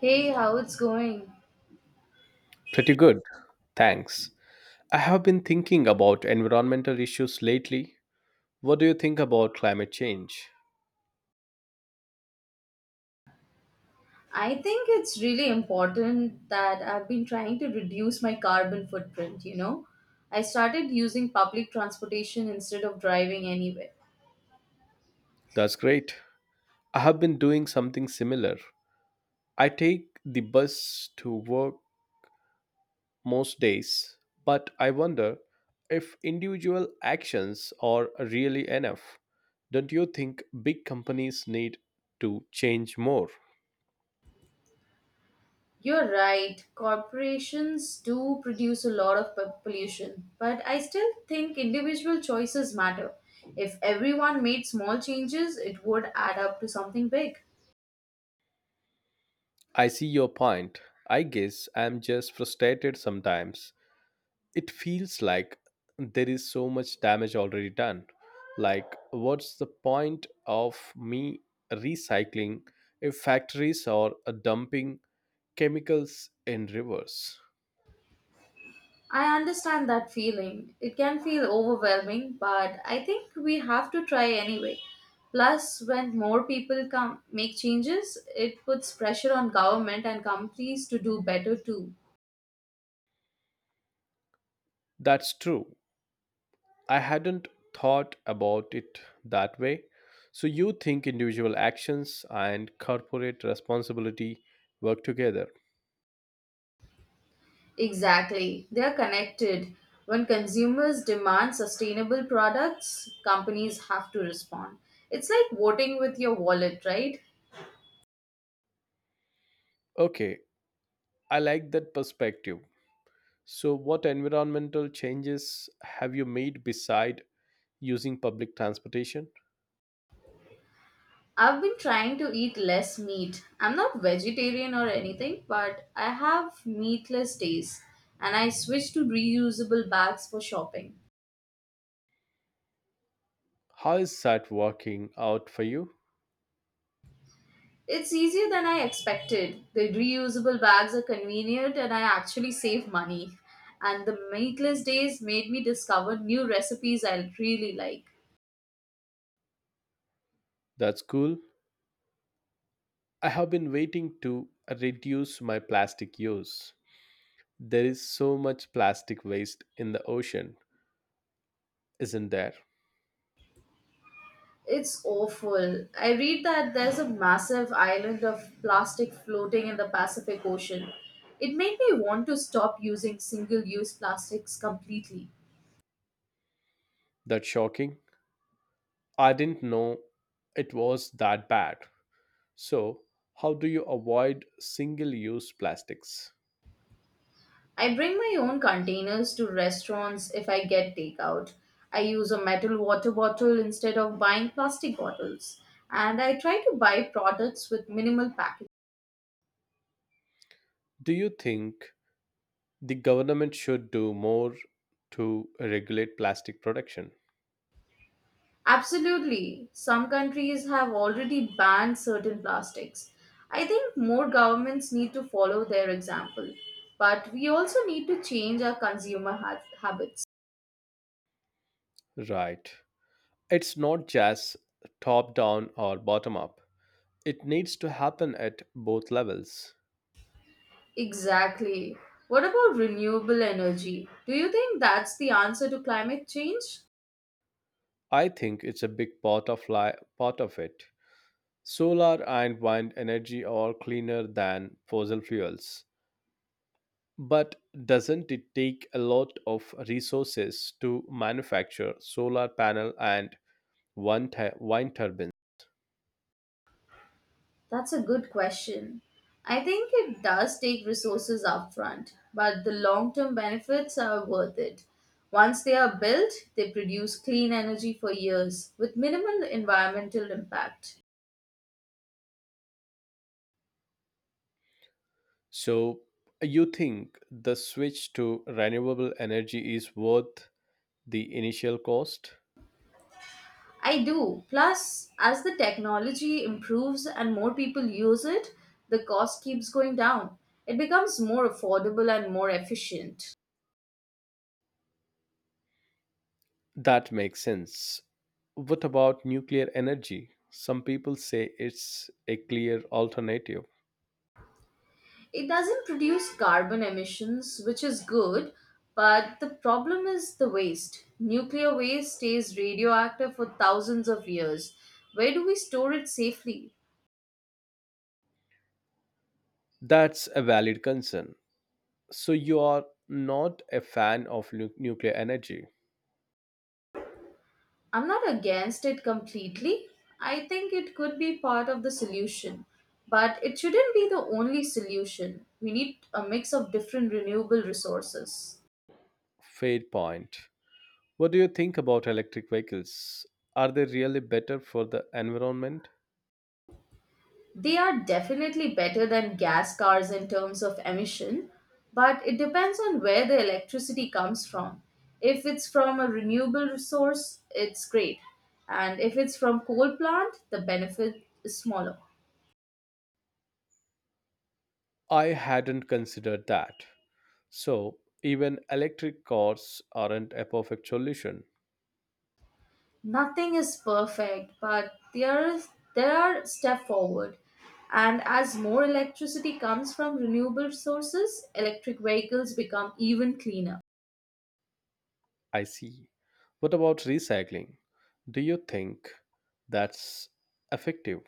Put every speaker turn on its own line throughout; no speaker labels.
Hey, how it's going?
Pretty good. Thanks. I have been thinking about environmental issues lately. What do you think about climate change?
I think it's really important that I've been trying to reduce my carbon footprint, you know? I started using public transportation instead of driving anywhere.
That's great. I have been doing something similar. I take the bus to work most days, but I wonder if individual actions are really enough. Don't you think big companies need to change more?
You're right, corporations do produce a lot of pollution, but I still think individual choices matter. If everyone made small changes, it would add up to something big.
I see your point. I guess I'm just frustrated sometimes it feels like there is so much damage already done. Like, what's the point of me recycling if factories are dumping chemicals in rivers?
I understand that feeling. It can feel overwhelming, but I think we have to try anyway. Plus, when more people come make changes, it puts pressure on government and companies to do better too.
That's true. I hadn't thought about it that way. So, you think individual actions and corporate responsibility work together?
Exactly. They are connected. When consumers demand sustainable products, companies have to respond. It's like voting with your wallet, right?
Okay, I like that perspective. So, what environmental changes have you made beside using public transportation?
I've been trying to eat less meat. I'm not vegetarian or anything, but I have meatless days and I switched to reusable bags for shopping.
How is that working out for you?
It's easier than I expected. The reusable bags are convenient and I actually save money. And the meatless days made me discover new recipes I really like.
That's cool. I have been waiting to reduce my plastic use. There is so much plastic waste in the ocean, isn't there?
It's awful. I read that there's a massive island of plastic floating in the Pacific Ocean. It made me want to stop using single use plastics completely.
That's shocking. I didn't know it was that bad. So, how do you avoid single use plastics?
I bring my own containers to restaurants if I get takeout. I use a metal water bottle instead of buying plastic bottles. And I try to buy products with minimal packaging.
Do you think the government should do more to regulate plastic production?
Absolutely. Some countries have already banned certain plastics. I think more governments need to follow their example. But we also need to change our consumer habits.
Right. It's not just top down or bottom up. It needs to happen at both levels.
Exactly. What about renewable energy? Do you think that's the answer to climate change?
I think it's a big part of it. Solar and wind energy are cleaner than fossil fuels. But doesn't it take a lot of resources to manufacture solar panel and wind turbine?
That's a good question. I think it does take resources upfront, but the long term benefits are worth it. Once they are built, they produce clean energy for years with minimal environmental impact.
So you think the switch to renewable energy is worth the initial cost?
I do. Plus, as the technology improves and more people use it, the cost keeps going down. It becomes more affordable and more efficient.
That makes sense. What about nuclear energy? Some people say it's a clear alternative.
It doesn't produce carbon emissions, which is good, but the problem is the waste. Nuclear waste stays radioactive for thousands of years. Where do we store it safely?
That's a valid concern. So you are not a fan of nuclear energy.
I'm not against it completely. I think it could be part of the solution, but it shouldn't be the only solution. We need a mix of different renewable resources.
Fair point. What do you think about electric vehicles? Are they really better for the environment?
They are definitely better than gas cars in terms of emission, but it depends on where the electricity comes from. If it's from a renewable source, it's great. And if it's from coal plant, the benefit is smaller.
I hadn't considered that. So, even electric cars aren't a perfect solution.
Nothing is perfect, but there are step forward. And as more electricity comes from renewable sources, electric vehicles become even cleaner.
I see. What about recycling? Do you think that's effective?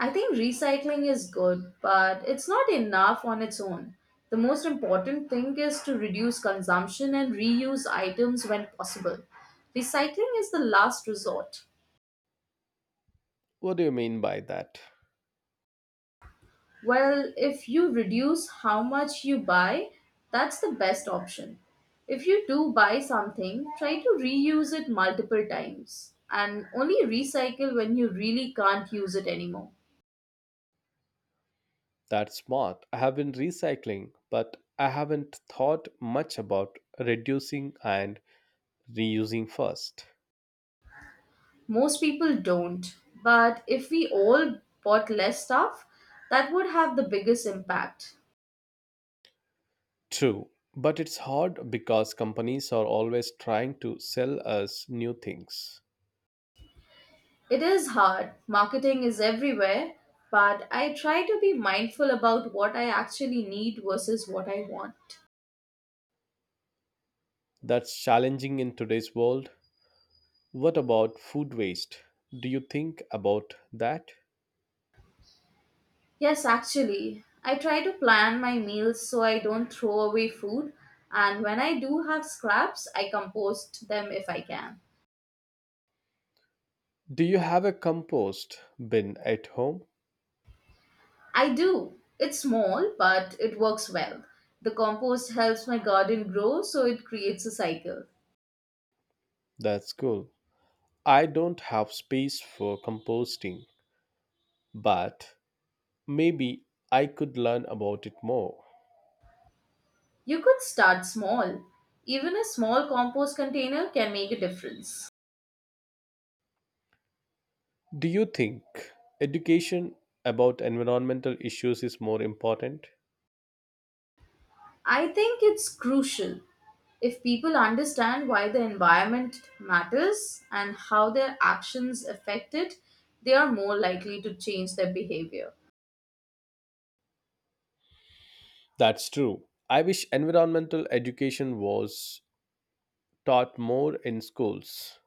I think recycling is good, but it's not enough on its own. The most important thing is to reduce consumption and reuse items when possible. Recycling is the last resort.
What do you mean by that?
Well, if you reduce how much you buy, that's the best option. If you do buy something, try to reuse it multiple times and only recycle when you really can't use it anymore.
That's smart. I have been recycling, but I haven't thought much about reducing and reusing first.
Most people don't. But if we all bought less stuff, that would have the biggest impact.
True, but it's hard because companies are always trying to sell us new things.
It is hard. Marketing is everywhere. But I try to be mindful about what I actually need versus what I want.
That's challenging in today's world. What about food waste? Do you think about that?
Yes, actually, I try to plan my meals so I don't throw away food. And when I do have scraps, I compost them if I can.
Do you have a compost bin at home?
I do. It's small, but it works well. The compost helps my garden grow, so it creates a cycle.
That's cool. I don't have space for composting, but maybe I could learn about it more.
You could start small. Even a small compost container can make a difference.
Do you think education about environmental issues is more important?
I think it's crucial if people understand why the environment matters and how their actions affect it, they are more likely to change their behavior.
That's true. I wish environmental education was taught more in schools.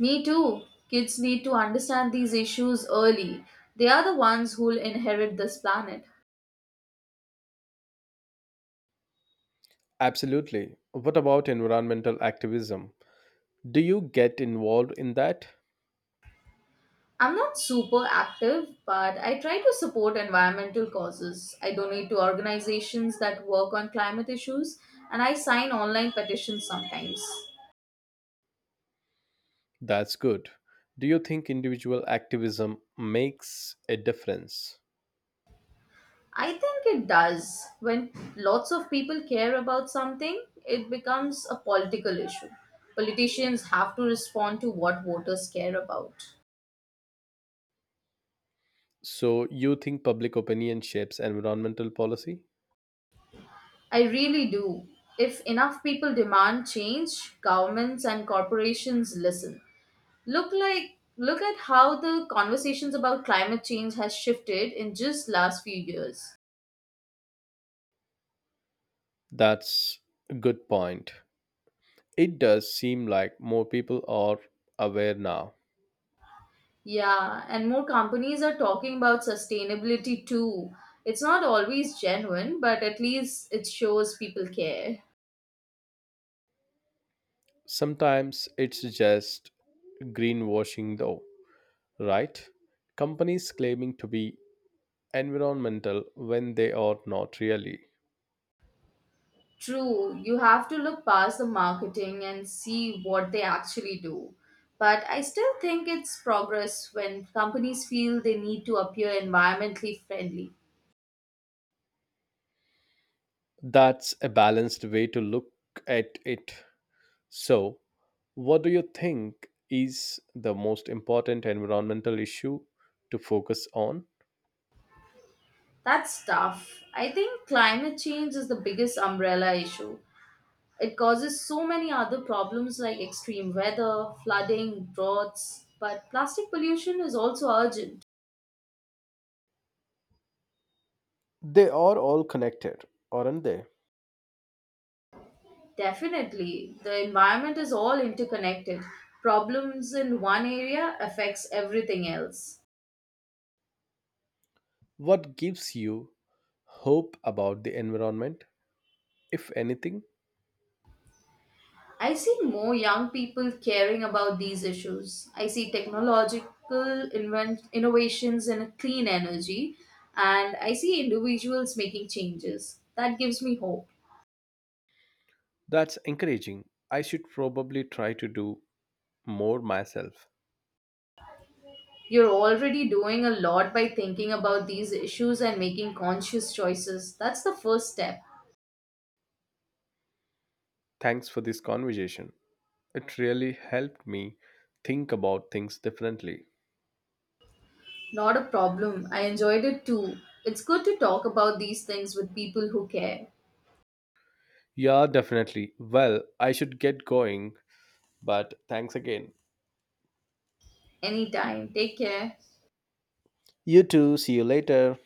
Me too. Kids need to understand these issues early. They are the ones who'll inherit this planet.
Absolutely. What about environmental activism? Do you get involved in that?
I'm not super active, but I try to support environmental causes. I donate to organizations that work on climate issues, and I sign online petitions sometimes.
That's good. Do you think individual activism makes a difference?
I think it does. When lots of people care about something, it becomes a political issue. Politicians have to respond to what voters care about.
So you think public opinion shapes environmental policy?
I really do. If enough people demand change, governments and corporations listen. Look at how the conversations about climate change has shifted in just last few years.
That's a good point. It does seem like more people are aware now.
Yeah, and more companies are talking about sustainability too. It's not always genuine, but at least it shows people care.
Sometimes it's just greenwashing though, right? Companies claiming to be environmental when they are not really.
True, you have to look past the marketing and see what they actually do. But I still think it's progress when companies feel they need to appear environmentally friendly.
That's a balanced way to look at it. So, what do you think is the most important environmental issue to focus on?
That's tough. I think climate change is the biggest umbrella issue. It causes so many other problems like extreme weather, flooding, droughts, but plastic pollution is also urgent.
They are all connected, aren't they?
Definitely, the environment is all interconnected. Problems in one area affects everything else.
What gives you hope about the environment? If anything,
I see more young people caring about these issues. I see technological innovations in clean energy, and I see individuals making changes. That gives me hope.
that's encouraging. I should probably try to do more myself.
You're already doing a lot by thinking about these issues and making conscious choices. That's the first step.
Thanks for this conversation. It really helped me think about things differently.
Not a problem. I enjoyed it too. It's good to talk about these things with people who care.
Yeah, definitely. Well, I should get going, but thanks again.
Anytime. Take care.
You too. See you later.